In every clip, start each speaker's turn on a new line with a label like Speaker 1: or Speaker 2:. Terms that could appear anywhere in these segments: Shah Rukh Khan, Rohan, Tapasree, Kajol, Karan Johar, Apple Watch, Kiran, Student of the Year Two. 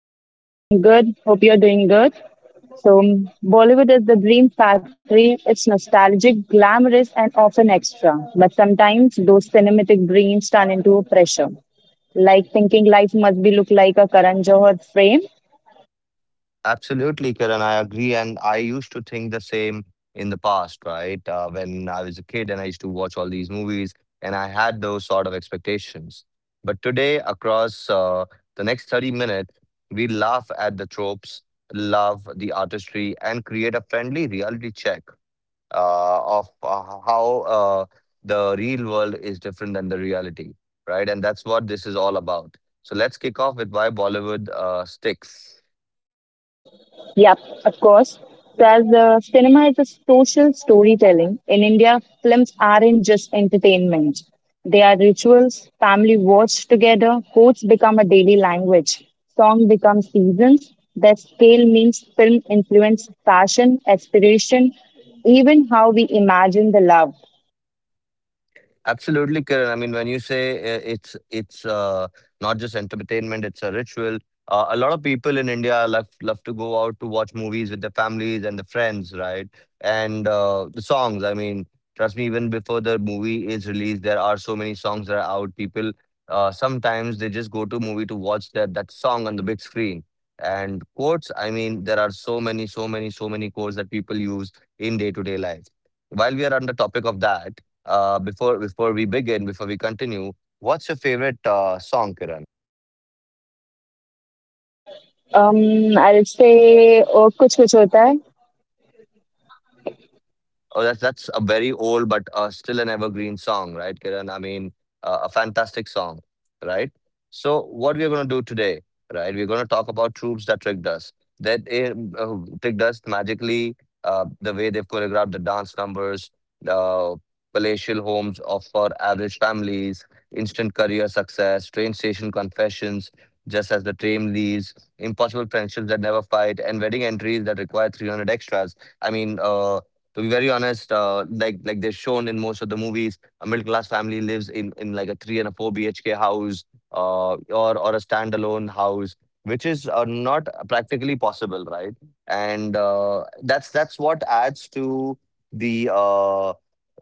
Speaker 1: Hey everyone, I'm good. Hope you're doing good. So, Bollywood is the dream factory. It's nostalgic, glamorous, and often extra. But sometimes those cinematic dreams turn into pressure. Like thinking life must be look like a Karan Johar frame.
Speaker 2: Absolutely, Kiran. I agree. And I used to think the same in the past, right? When I was a kid and I used to watch all these movies and I had those sort of expectations. But today, across the next 30 minutes, we laugh at the tropes, love the artistry, and create a friendly reality check of how the real world is different than the reality, right? And that's what this is all about. So let's kick off with why Bollywood sticks.
Speaker 1: Yep, of course. So as the cinema is a social storytelling, in India, films aren't just entertainment. They are rituals, family watch together, quotes become a daily language, song becomes seasons, their scale means film influence fashion, aspiration, even how we imagine the love.
Speaker 2: Absolutely, Kiran. I mean, when you say it's not just entertainment, it's a ritual. A lot of people in India love to go out to watch movies with their families and their friends, right? And the songs. I mean, trust me, even before the movie is released, there are so many songs that are out. People sometimes they just go to movie to watch that song on the big screen. And quotes. I mean, there are so many, so many, so many quotes that people use in day to day life. While we are on the topic of that. Before we begin, before we continue, what's your favorite song, Kiran?
Speaker 1: I'll say, oh, kuch kuch hota hai.
Speaker 2: Oh, that's a very old but still an evergreen song, right, Kiran? I mean, a fantastic song, right? So, what we're going to do today, right? We're going to talk about troops that tricked us, that uh, tricked us magically, the way they've choreographed the dance numbers, the palatial homes of for average families, instant career success, train station confessions, just as the train leaves, impossible friendships that never fight, and wedding entries that require 300 extras. I mean, to be very honest, like they're shown in most of the movies, a middle class family lives in like a three and a four BHK house, uh, or a standalone house, which is not practically possible, right? And that's what adds to the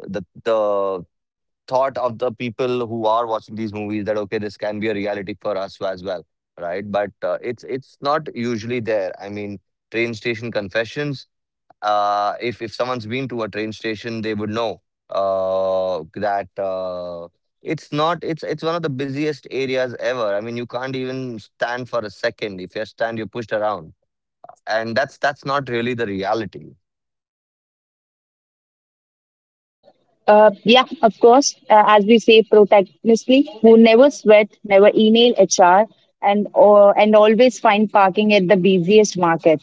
Speaker 2: the the thought of the people who are watching these movies that okay, this can be a reality for us as well, right? But it's not usually there. I mean, train station confessions if someone's been to a train station, they would know that it's not. It's one of the busiest areas ever. I mean, you can't even stand for a second. If you stand, you're pushed around, and that's not really the reality.
Speaker 1: Yeah, of course. As we say, protagonistly, who never sweat, never email HR, and or and always find parking at the busiest market.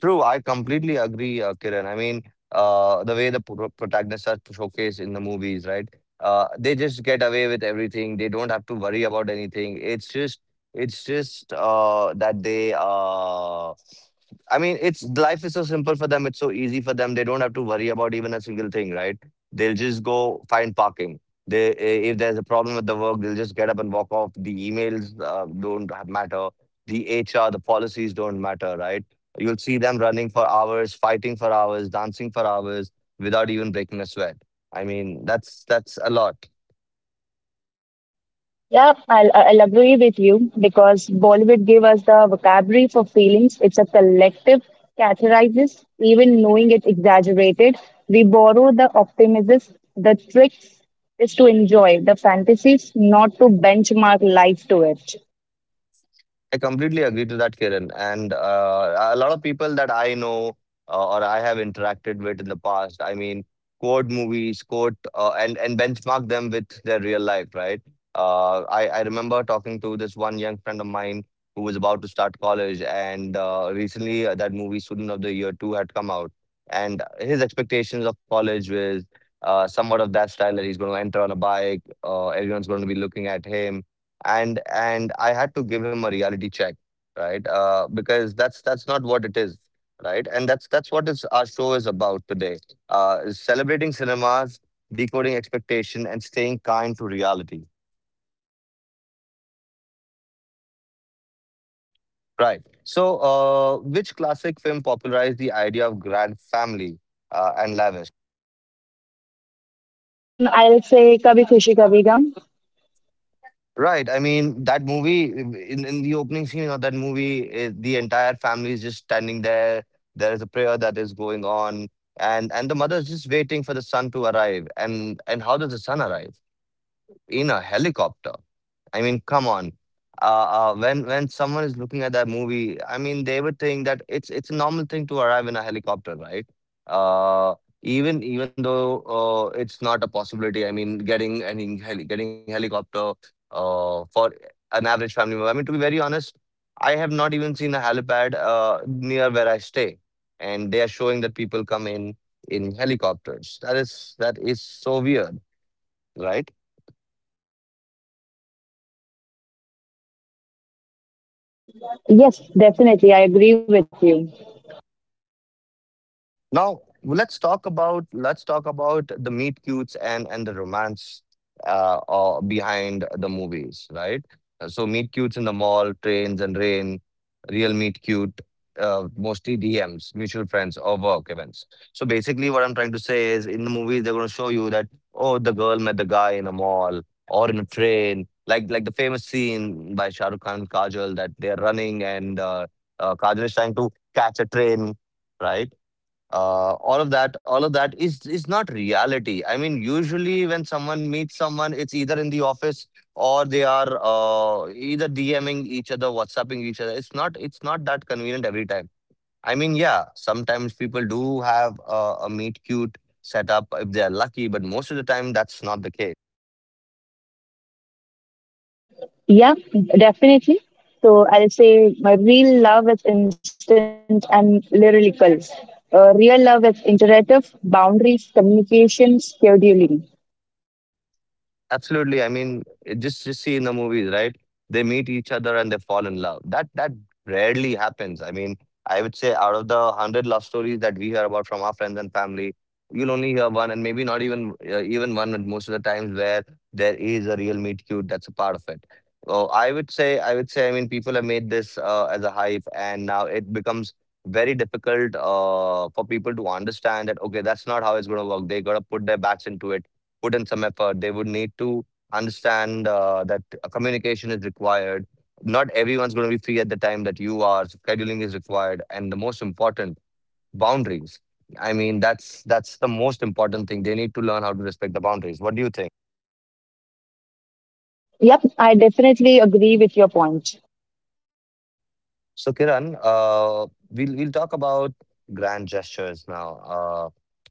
Speaker 2: True, I completely agree, Kiran. I mean, the way the protagonists are showcased in the movies, right? They just get away with everything. They don't have to worry about anything. It's just that they. I mean, it's life is so simple for them. It's so easy for them. They don't have to worry about even a single thing, right? They'll just go find parking. If there's a problem with the work, they'll just get up and walk off. The emails don't matter. The HR, the policies don't matter, right? You'll see them running for hours, fighting for hours, dancing for hours without even breaking a sweat. I mean, that's a lot.
Speaker 1: Yeah, I'll agree with you because Bollywood gave us the vocabulary for feelings. It's a collective categorizes, even knowing it exaggerated. We borrow the optimism. The trick is to enjoy the fantasies, not to benchmark life to it.
Speaker 2: I completely agree to that, Kiran. And a lot of people that I know or I have interacted with in the past, I mean, quote movies, quote, and benchmark them with their real life, right? I remember talking to this one young friend of mine who was about to start college, and recently that movie Student of the Year Two had come out, and his expectations of college was somewhat of that style that he's going to enter on a bike, everyone's going to be looking at him and I had to give him a reality check, right? Because that's not what it is, right? And that's what is our show is about today: is celebrating cinemas, decoding expectation, and staying kind to reality. Right. So, which classic film popularized the idea of grand family and lavish?
Speaker 1: I'll say Kabhi Khushi Kabhi Gum.
Speaker 2: Right. I mean, that movie in the opening scene of that movie, the entire family is just standing there. There is a prayer that is going on, and the mother is just waiting for the son to arrive. And how does the son arrive? In a helicopter. I mean, come on. When someone is looking at that movie, I mean, they would think that it's a normal thing to arrive in a helicopter, right? Uh, even though it's not a possibility. I mean, getting helicopter for an average family member. I mean, to be very honest, I have not even seen a helipad near where I stay, and they are showing that people come in helicopters. That is so weird, right?
Speaker 1: Yes, definitely. I agree with you.
Speaker 2: Now let's talk about the meet cutes and the romance behind the movies, right? So meet cutes in the mall, trains and rain, real meet cute, mostly DMs, mutual friends or work events. So basically, what I'm trying to say is, in the movies they're gonna show you that oh, the girl met the guy in a mall or in a train, like the famous scene by Shah Rukh Khan and Kajol that they're running and Kajol is trying to catch a train, right? All of that is not reality. I mean, usually when someone meets someone, it's either in the office or they are either dming each other, whatsapping each other. It's not that convenient every time. I mean, yeah, sometimes people do have a meet cute setup if they are lucky, but most of the time that's not the case.
Speaker 1: Yeah, definitely. So I'll say my real love is instant and lyrical. Real love is iterative, boundaries, communication, scheduling.
Speaker 2: Absolutely. I mean, just see in the movies, right? They meet each other and they fall in love. That rarely happens. I mean, I would say out of the hundred love stories that we hear about from our friends and family, you'll only hear one, and maybe not even one. And most of the times, where there is a real meet cute, that's a part of it. So I would say, I mean, people have made this as a hype, and now it becomes very difficult for people to understand that okay, that's not how it's going to work. They got to put their backs into it, put in some effort. They would need to understand that communication is required. Not everyone's going to be free at the time that you are. So scheduling is required, and the most important, boundaries. I mean, that's the most important thing. They need to learn how to respect the boundaries. What do you think?
Speaker 1: Yep, I definitely agree with your point.
Speaker 2: So Kiran, we'll talk about grand gestures now,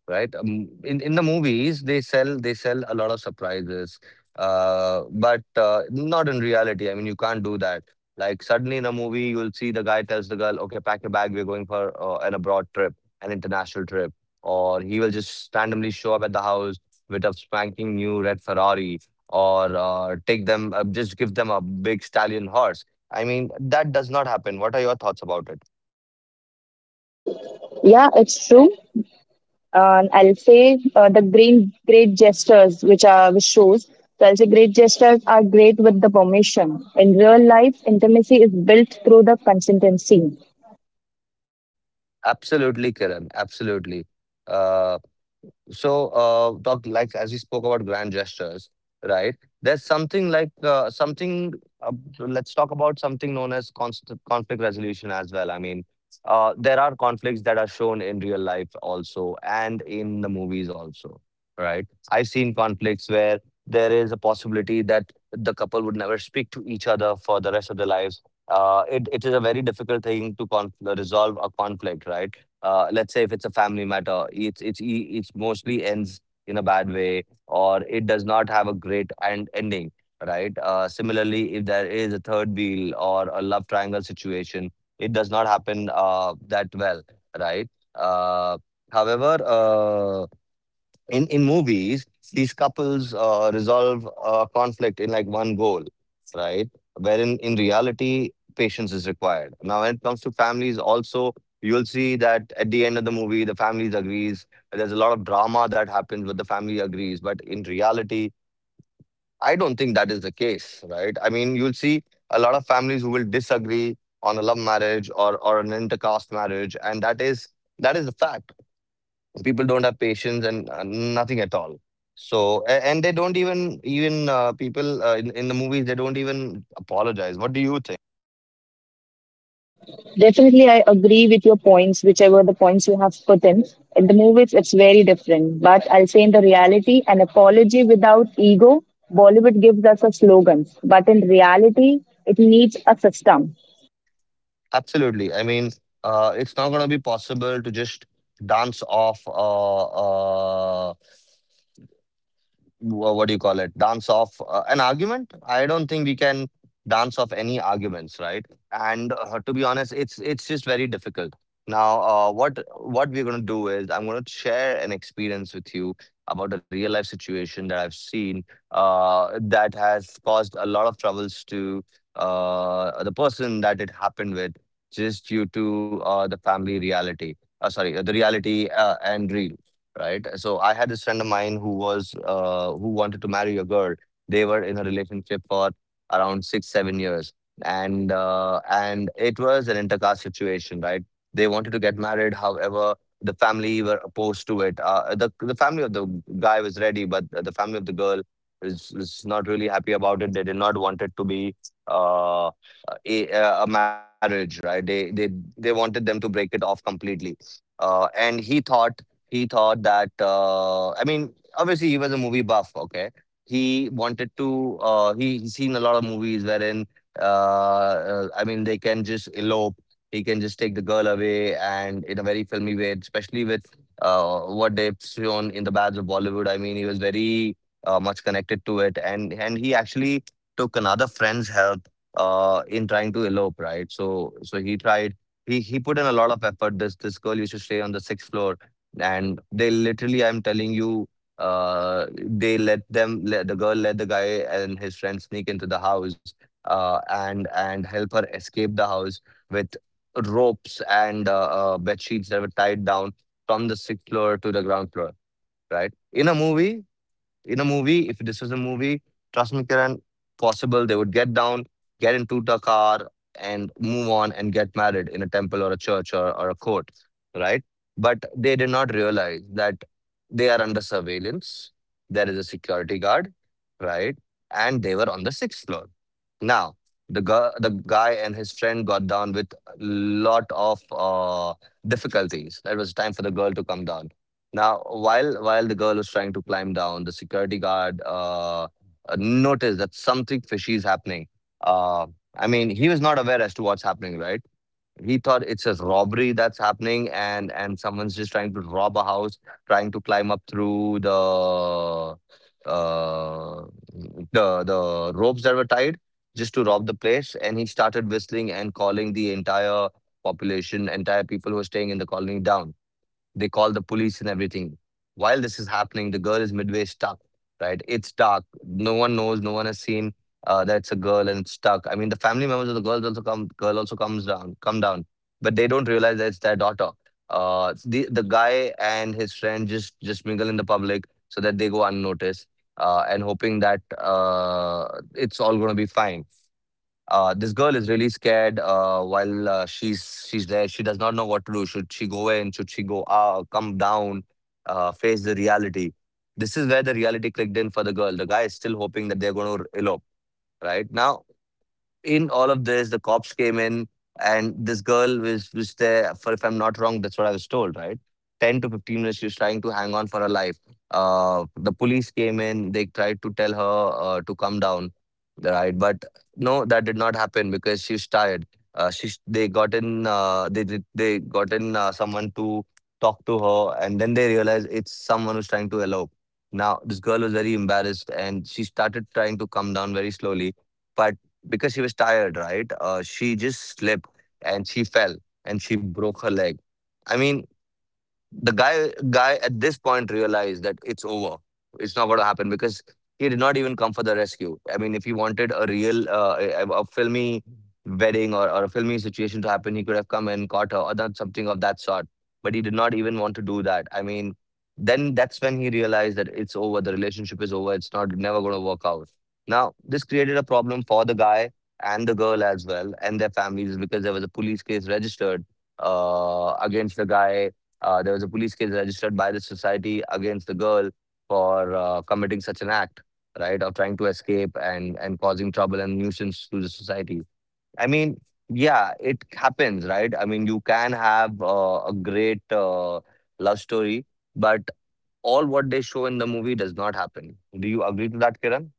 Speaker 2: right? In the movies, they sell a lot of surprises, but not in reality. I mean, you can't do that. Like suddenly in a movie, you'll see the guy tells the girl, "Okay, pack your bag. We're going for an abroad trip, an international trip," or he will just randomly show up at the house with a spanking new red Ferrari, or just give them a big stallion horse. I mean, that does not happen. What are your thoughts about it?
Speaker 1: Yeah, it's true. I'll say the green great gestures, which are which shows. So I'll say great gestures are great with the permission. In real life, intimacy is built through the consistency.
Speaker 2: Absolutely, Kiran. Absolutely. Uh, So, talk like as we spoke about grand gestures, right? There's something like something. Uh, let's talk about something known as const conflict resolution as well. I mean, there are conflicts that are shown in real life also, and in the movies also, right? I've seen conflicts where there is a possibility that the couple would never speak to each other for the rest of their lives. It is a very difficult thing to conf resolve a conflict, right? Let's say if it's a family matter, it's e- it's mostly ends in a bad way or it does not have a great ending, right? Similarly, if there is a third wheel or a love triangle situation, it does not happen that well, right? Uh, however, in movies, these couples resolve a conflict in like one goal, right? Wherein in reality, patience is required. Now when it comes to families also, you'll see that at the end of the movie the families agrees. There's a lot of drama that happens, but the family agrees. But in reality, I don't think that is the case, right? I mean, you'll see a lot of families who will disagree on a love marriage or an intercaste marriage, and that is a fact. People don't have patience and nothing at all. So and they don't even people in the movies, they don't even apologize. What do you think?
Speaker 1: Definitely, I agree with your points, whichever the points you have put in. In the movies, it's very different. But I'll say in the reality, an apology without ego, Bollywood gives us a slogan. But in reality, it needs a system.
Speaker 2: Absolutely. I mean, it's not going to be possible to just dance off what do you call it, dance off an argument. I don't think we can dance off any arguments, right? And to be honest, it's just very difficult. Now what we're going to do is I'm going to share an experience with you about a real life situation that I've seen, that has caused a lot of troubles to the person that it happened with, just due to the reality and real, right? So I had this friend of mine who was who wanted to marry a girl. They were in a relationship for around 6, 7 years, and it was an intercaste situation, right? They wanted to get married, however, the family were opposed to it. The family of the guy was ready, but the family of the girl was not really happy about it. They did not want it to be Uh, a marriage, right? They wanted them to break it off completely. And he thought that I mean, obviously he was a movie buff. Okay, he wanted to. He's seen a lot of movies wherein I mean, they can just elope. He can just take the girl away, and in a very filmy way, especially with what they've shown in the Bads of Bollywood. I mean, he was very much connected to it, and he actually took another friend's help in trying to elope, right? So so he tried he put in a lot of effort. This girl used to stay on the 6th floor, and they literally, I'm telling you, let the guy and his friend sneak into the house, and help her escape the house with ropes and bed sheets that were tied down from the 6th floor to the ground floor, right? In a movie, if this was a movie, trust me, Kiran, possible they would get down, get into the car, and move on and get married in a temple or a church or a court, right? But they did not realize that they are under surveillance. There is a security guard, right? And they were on the 6th floor. Now, the guy and his friend got down with a lot of difficulties. It was time for the girl to come down. Now, while the girl was trying to climb down, the security guard noticed that something fishy is happening. Uh, I mean, he was not aware as to what's happening, right? He thought it's a robbery that's happening and someone's just trying to rob a house, trying to climb up through the uh the ropes that were tied just to rob the place. And he started whistling and calling the entire population, entire people who were staying in the colony down. They call the police and everything. While this is happening, the girl is midway stuck, right? It's dark. No one knows. No one has seen that it's a girl and it's stuck. I mean, the family members of the girls also come. Girl also comes down, come down, but they don't realize that it's their daughter. The guy and his friend just mingle in the public so that they go unnoticed, and hoping that it's all going to be fine. This girl is really scared while she's there. She does not know what to do. Should she go in, should she go out, come down, face the reality? This is where the reality clicked in for the girl. The guy is still hoping that they're going to elope. Right now, in all of this, the cops came in, and this girl was there for, if I'm not wrong, that's what I was told, right, 10 to 15 minutes. She was trying to hang on for her life. The police came in. They tried to tell her to come down, right? But no, that did not happen because she's tired. She they got in they did- they got in someone to talk to her, and then they realized it's someone who's trying to elope. Now this girl was very embarrassed, and she started trying to come down very slowly, but because she was tired, right? She just slipped and she fell and she broke her leg. I mean, the guy at this point realized that it's over. It's not going to happen because he did not even come for the rescue. I mean, if he wanted a real a filmy wedding or a filmy situation to happen, he could have come and caught her or done something of that sort. But he did not even want to do that. I mean, then that's when he realized that it's over. The relationship is over. It's not never going to work out. Now, this created a problem for the guy and the girl as well and their families because there was a police case registered against the guy. There was a police case registered by the society against the girl for committing such an act, right, of trying to escape and causing trouble and nuisance to the society. I mean, yeah, it happens, right? I mean, you can have a great love story, but all what they show in the movie does not happen. Do you agree to that, Kiran?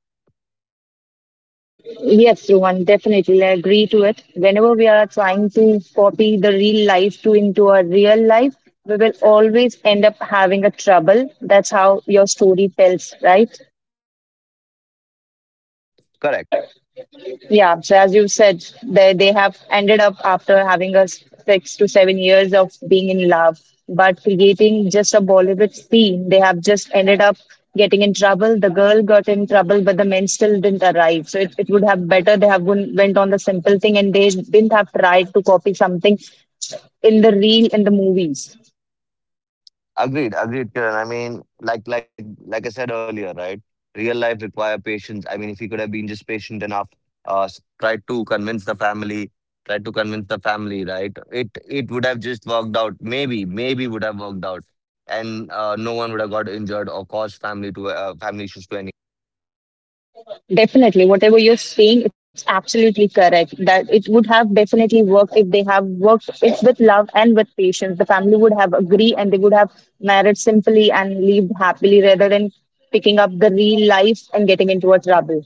Speaker 1: Yes, Rohan, definitely. I agree to it. Whenever we are trying to copy the real life to into our real life, we will always end up having a trouble. That's how your story tells, right?
Speaker 2: Correct.
Speaker 1: Correct. Yeah, so as you said, they have ended up after having a 6 to 7 years of being in love, but creating just a Bollywood scene, they have just ended up getting in trouble. The girl got in trouble, but the men still didn't arrive. So it would have better they have went on the simple thing and they didn't have tried to copy something in the real in the movies.
Speaker 2: Agreed, agreed, Kiran. I mean, like I said earlier, right? Real life require patience. I mean, if he could have been just patient enough, tried to convince the family, tried to convince the family, right? It would have just worked out. Maybe, maybe would have worked out, and no one would have got injured or caused family to family issues to.
Speaker 1: Definitely, whatever you're saying, it's absolutely correct. That it would have definitely worked if they have worked it with love and with patience. The family would have agreed and they would have married simply and lived happily rather than picking up the real life and getting into a trouble.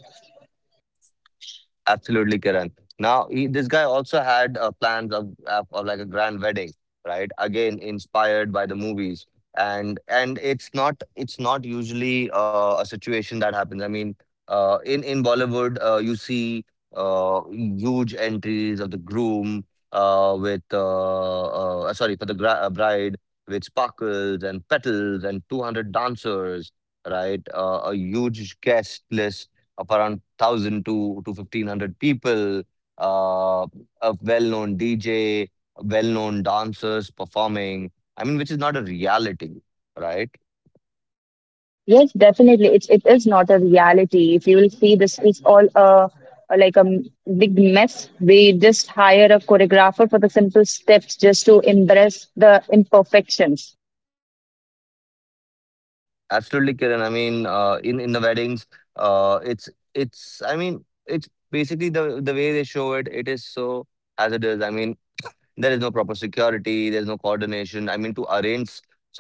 Speaker 2: Absolutely, Kiran. Now, he, this guy also had plans of, of like a grand wedding, right? Again, inspired by the movies, and it's not usually a situation that happens. I mean, in Bollywood, you see huge entries of the groom with sorry for the gra bride, with sparkles and petals and 200 dancers, right? A huge guest list of around 1,000 to 1,500 people, uh, a well-known DJ, well-known dancers performing. I mean, which is not a reality, right?
Speaker 1: Yes, definitely, it is not a reality. If you will see, this is all a like a big mess. We just hire a choreographer for the simple steps just to embrace the imperfections.
Speaker 2: Absolutely, Kiran. I mean, in the weddings, it's it's. I mean, it's basically the way they show it. It is so hazardous. I mean, there is no proper security, there's no coordination. I mean, to arrange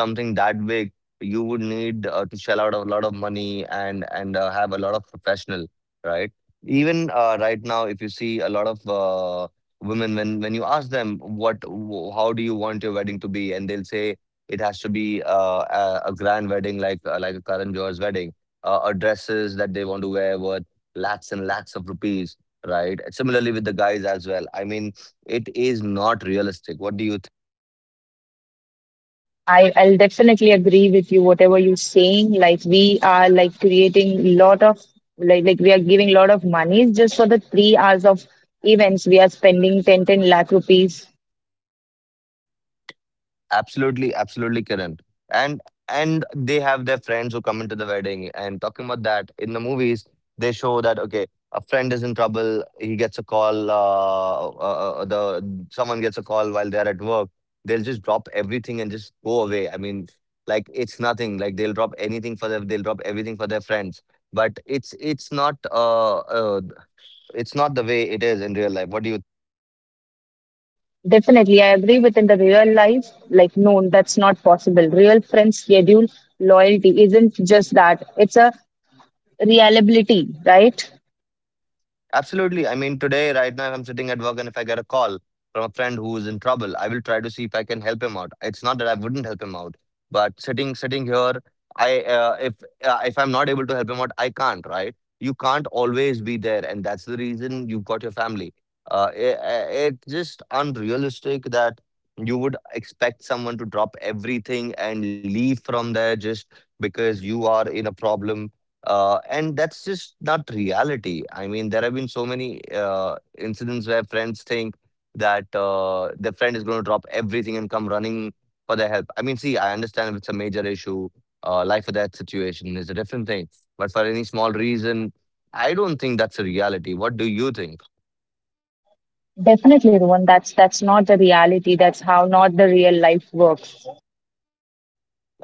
Speaker 2: something that big, you would need to shell out a lot of money and have a lot of professional, right? Even right now, if you see a lot of women, when you ask them how do you want your wedding to be, and they'll say it has to be a grand wedding like a Karan Johar's wedding, or dresses that they want to wear worth lakhs and lakhs of rupees, right? Similarly with the guys as well. I mean, it is not realistic. What do you think?
Speaker 1: I'll definitely agree with you, whatever you're saying. Like we are like creating lot of like we are giving lot of monies just for the 3 hours of events. We are spending ten lakh rupees.
Speaker 2: Absolutely, absolutely, Kiran. and and they have their friends who come into the wedding. And talking about that, in the movies they show that okay, a friend is in trouble, he gets a call, the someone gets a call while they're at work, they'll just drop everything and just go away. I mean, like it's nothing, like they'll drop anything for their, they'll drop everything for their friends. But it's it's not the way it is in real life. What do you.
Speaker 1: Definitely, I agree with in the real life, like no, that's not possible. Real friends schedule loyalty isn't just that. It's a reliability, right?
Speaker 2: Absolutely. I mean, today, right now, I'm sitting at work, and if I get a call from a friend who is in trouble, I will try to see if I can help him out. It's not that I wouldn't help him out, but sitting here, I if I'm not able to help him out, I can't. Right? You can't always be there, and that's the reason you've got your family. Uh, it, it's just unrealistic that you would expect someone to drop everything and leave from there just because you are in a problem, and that's just not reality. I mean, there have been so many incidents where friends think that their friend is going to drop everything and come running for their help. I mean, see, I understand if it's a major issue. Life or death situation is a different thing. But for any small reason, I don't think that's a reality. What do you think?
Speaker 1: Definitely, Rohan. That's not the reality. That's how not the real life works.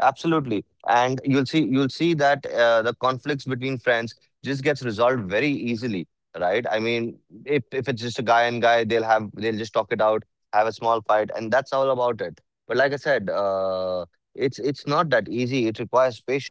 Speaker 2: Absolutely. And you'll see that the conflicts between friends just gets resolved very easily, right? I mean, if it's just a guy and guy, they'll just talk it out, have a small fight, and that's all about it. But like I said, it's not that easy. It requires patience.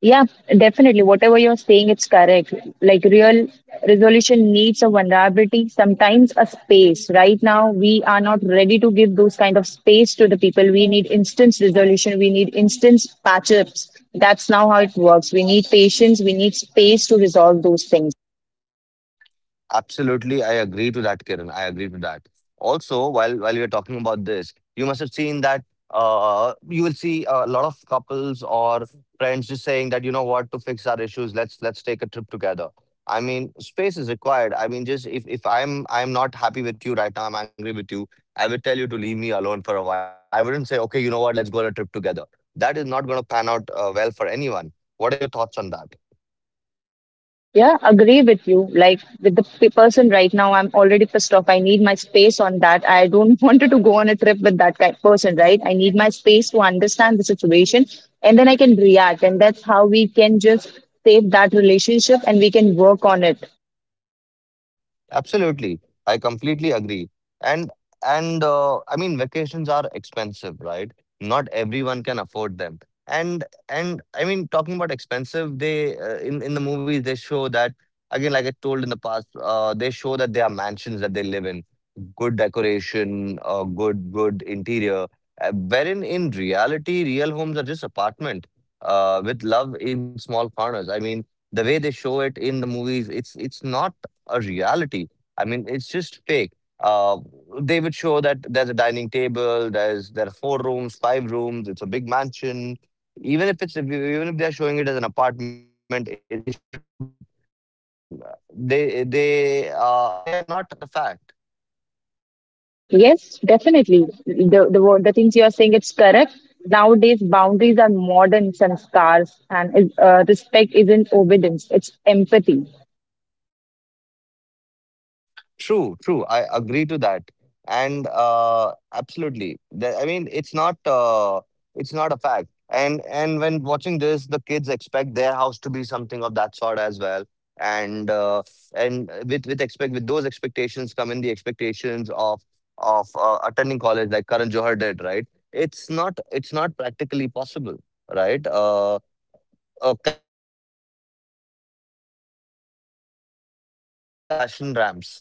Speaker 1: Yeah, definitely. Whatever you're saying, it's correct. Like real resolution needs a vulnerability, sometimes a space. Right now, we are not ready to give those kind of space to the people. We need instant resolution. We need instant patch ups. That's now how it works. We need patience. We need space to resolve those things.
Speaker 2: Absolutely, I agree to that, Kiran. I agree to that. Also, while we are talking about this, you must have seen that you will see a lot of couples or friends just saying that, you know what, to fix our issues, let's take a trip together. I mean, space is required. I mean, just if I'm not happy with you right now, I'm angry with you. I would tell you to leave me alone for a while. I wouldn't say, okay, you know what, let's go on a trip together. That is not going to pan out well for anyone. What are your thoughts on that?
Speaker 1: Yeah, agree with you. Like with the person right now, I'm already pissed off. I need my space on that. I don't want to go on a trip with that kind person, right? I need my space to understand the situation and then I can react. And that's how we can just save that relationship and we can work on it.
Speaker 2: Absolutely. I completely agree. And and I mean vacations are expensive, right? Not everyone can afford them. And I mean talking about expensive, they in the movies they show that again like I told in the past, they show that there are mansions that they live in, good decoration, good interior. Wherein in reality, real homes are just apartment with love in small corners. I mean the way they show it in the movies, it's not a reality. I mean, it's just fake. Uh, they would show that there's a dining table, there are four rooms, five rooms, it's a big mansion. Even if they're showing it as an apartment, they show it so big. I mean, they are not the fact.
Speaker 1: Yes, definitely. The, the things you are saying, it's correct. Nowadays, boundaries are modern sanskars and respect isn't obedience, it's empathy.
Speaker 2: True, true. I agree to that. And absolutely. I mean, it's not a fact. And when watching this, the kids expect their house to be something of that sort as well. And uh, and with those expectations come in the expectations of attending college like Karan Johar did, right? It's not practically possible, right? Campuses or real campuses look like don't look like fashion ramps.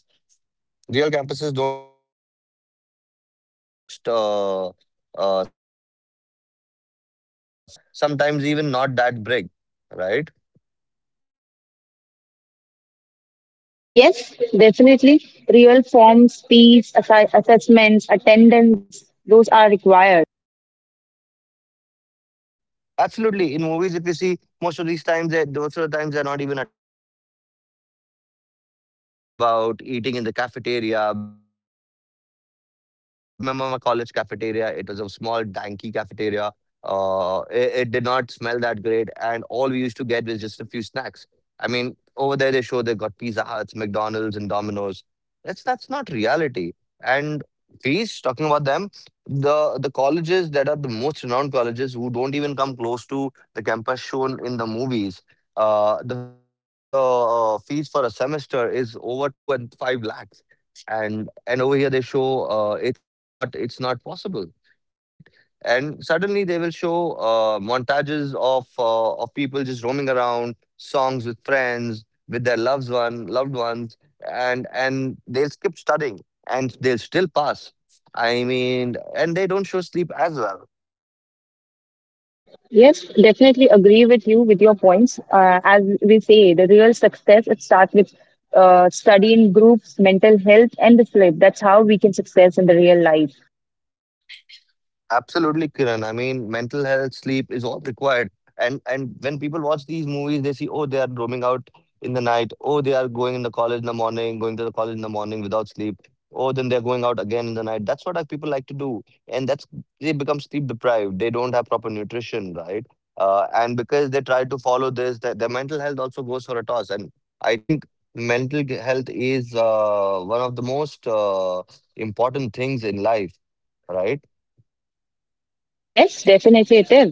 Speaker 2: Real campuses don't look like campus ramps. They are just uh, s- colleges, right? Sometimes even not that big, right?
Speaker 1: Yes, definitely. Real forms, speech, assessments, attendance, those are required.
Speaker 2: Absolutely. In movies, if you see, most of these times, they most of the times, they're not even attending their lectures. They're just roaming about, eating in the cafeteria, which is also extravagant. I mean, I remember my college cafeteria. It was a small, danky cafeteria. It did not smell that great, and all we used to get was just a few snacks. I mean, over there they show they got Pizza Huts, McDonald's, and Domino's. That's not reality. And fees, talking about them, the colleges that are the most renowned colleges who don't even come close to the campus shown in the movies, the fees for a semester is over 2 and 5 lakhs, and over here they show, it's not possible, right? And suddenly they will show montages of people just roaming around, songs with friends with their loved ones, and they'll skip studying and they'll still pass. I mean, and they don't show sleep as well.
Speaker 1: Yes, definitely agree with you with your points. As we say, the real success it starts with study in groups, mental health, and the sleep. That's how we can success in the real life.
Speaker 2: Absolutely, Kiran. I mean, mental health, sleep is all required. And when people watch these movies, they see, oh, they are roaming out in the night. Oh, they are going in the college in the morning, going to the college in the morning without sleep. Oh, then they're going out again in the night. That's what our people like to do, and that's they become sleep deprived. They don't have proper nutrition, right? And because they try to follow this, that their mental health also goes for a toss. And I think health is one of the most important things in life, right?
Speaker 1: Yes, definitely it is.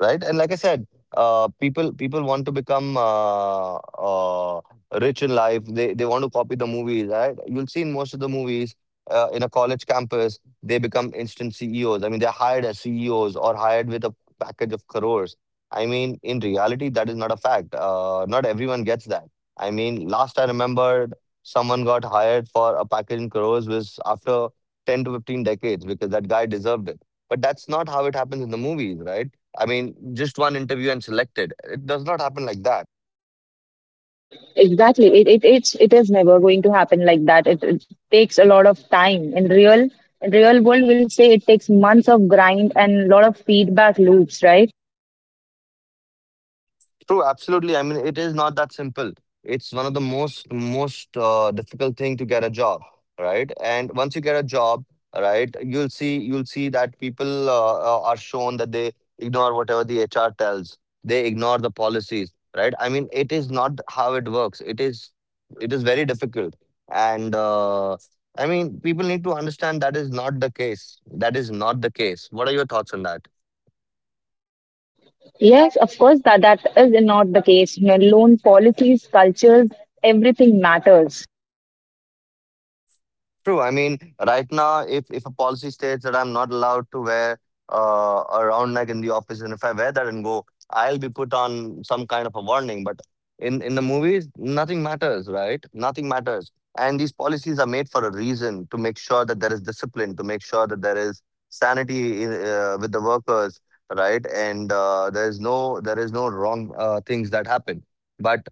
Speaker 2: Right? And like I said, people want to become rich in life. They want to copy the movies, right? You'll see in most of the movies in a college campus, they become instant CEOs. I mean, they're hired as CEOs or hired with a package of crores. I mean, in reality, that is not a fact. Not everyone gets that. I mean, last I remembered, someone got hired for a package in crores was after 10 to 15 decades because that guy deserved it. But that's not how it happens in the movies, right? I mean, just one interview and selected. It does not happen like that.
Speaker 1: Exactly, it is never going to happen like that. It takes a lot of time in real world. We'll say it takes months of grind and a lot of feedback loops, right?
Speaker 2: True, absolutely. I mean, it is not that simple. It's one of the most difficult thing to get a job, right? And once you get a job, right, you'll see that people are shown that they ignore whatever the HR tells. They ignore the policies, right? I mean, it is not how it works. It is very difficult, and I mean, people need to understand that is not the case. That is not the case. What are your thoughts on that?
Speaker 1: Yes, of course, that is not the case. You know, loan policies, cultures, everything matters.
Speaker 2: True. I mean, right now, if a policy states that I'm not allowed to wear a round neck in the office, and if I wear that and go, I'll be put on some kind of a warning. But in the movies, nothing matters, right? Nothing matters. And these policies are made for a reason to make sure that there is discipline, to make sure that there is sanity in, with the workers, right? And there is no wrong things that happen. But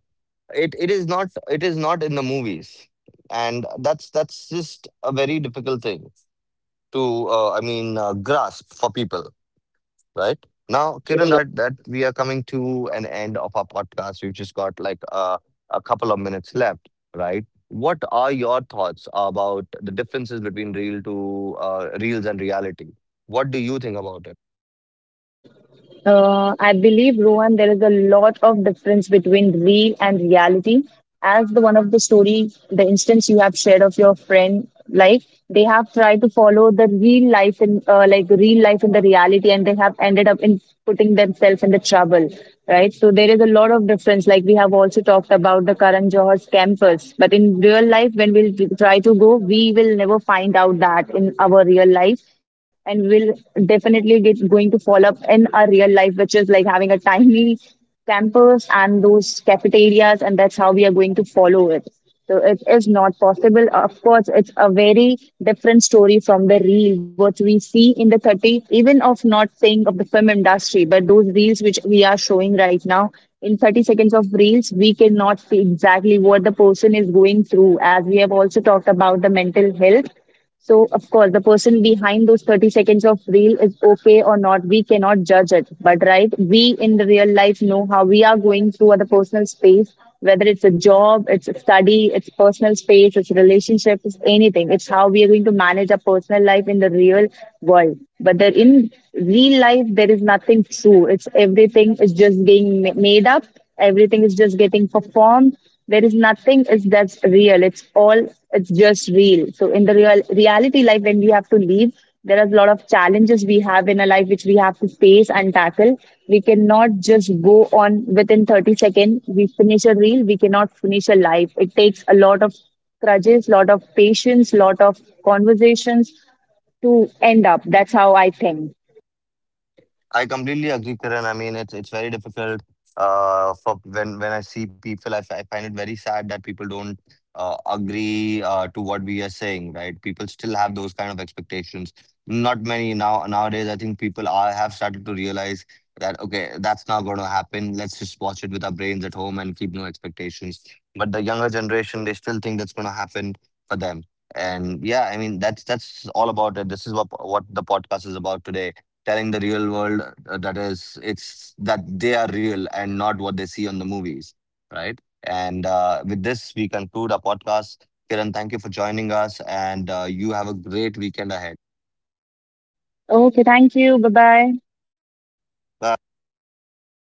Speaker 2: it is not in the movies, and that's just a very difficult thing to grasp for people. Right
Speaker 1: Now,
Speaker 2: now, Kiran, that we are coming to an end of our podcast, we've just got like a couple of minutes left, right? What are your thoughts about the differences between real to reels and reality? What do you think about it?
Speaker 1: I believe, Rohan, there is a lot of difference between real and reality. As the one of the story, the instance you have shared of your friend life, they have tried to follow the real life in, like real life in the reality, and they have ended up in putting themselves in the trouble, right? So there is a lot of difference. Like we have also talked about the Karan Johar's campus, but in real life, when we'll try to go, we will never find out that in our real life and will definitely get going to fall up in our real life, which is like having a tiny campus and those cafeterias, and that's how we are going to follow it. So it is not possible. Of course, it's a very different story from the real what we see in the 30, even of not saying of the film industry, but those reels which we are showing right now in 30 seconds of reels, we cannot see exactly what the person is going through. As we have also talked about the mental health, so, of course, the person behind those 30 seconds of reel is okay or not. We cannot judge it. But, right, we in the real life know how we are going through other personal space, whether it's a job, it's a study, it's personal space, it's relationship, it's anything. It's how we are going to manage our personal life in the real world. But the, in real life, there is nothing true. It's everything is just being made up. Everything is just getting performed. There is nothing is that's real. It's all, it's just real. So in the real reality life when we have to leave, there are a lot of challenges we have in a life which we have to face and tackle. We cannot just go on within 30 seconds. We finish a reel, we cannot finish a life. It takes a lot of grudges, lot of patience, lot of conversations to end up. That's how I think.
Speaker 2: I completely agree, Kiran. I mean, it's very difficult. For when I see people, I I find it very sad that people don't agree to what we are saying. Right? People still have those kind of expectations. Not many now nowadays. I think people are have started to realize that okay, that's not going to happen. Let's just watch it with our brains at home and keep no expectations. But the younger generation, they still think that's going to happen for them. And yeah, I mean, that's all about it. This is what the podcast is about today, telling the real world that is it's that they are real and not what they see on the movies, right? And with this we conclude our podcast, Kiran. Thank you for joining us, and you have a great weekend ahead.
Speaker 1: Okay, thank you, bye bye.
Speaker 2: Bye.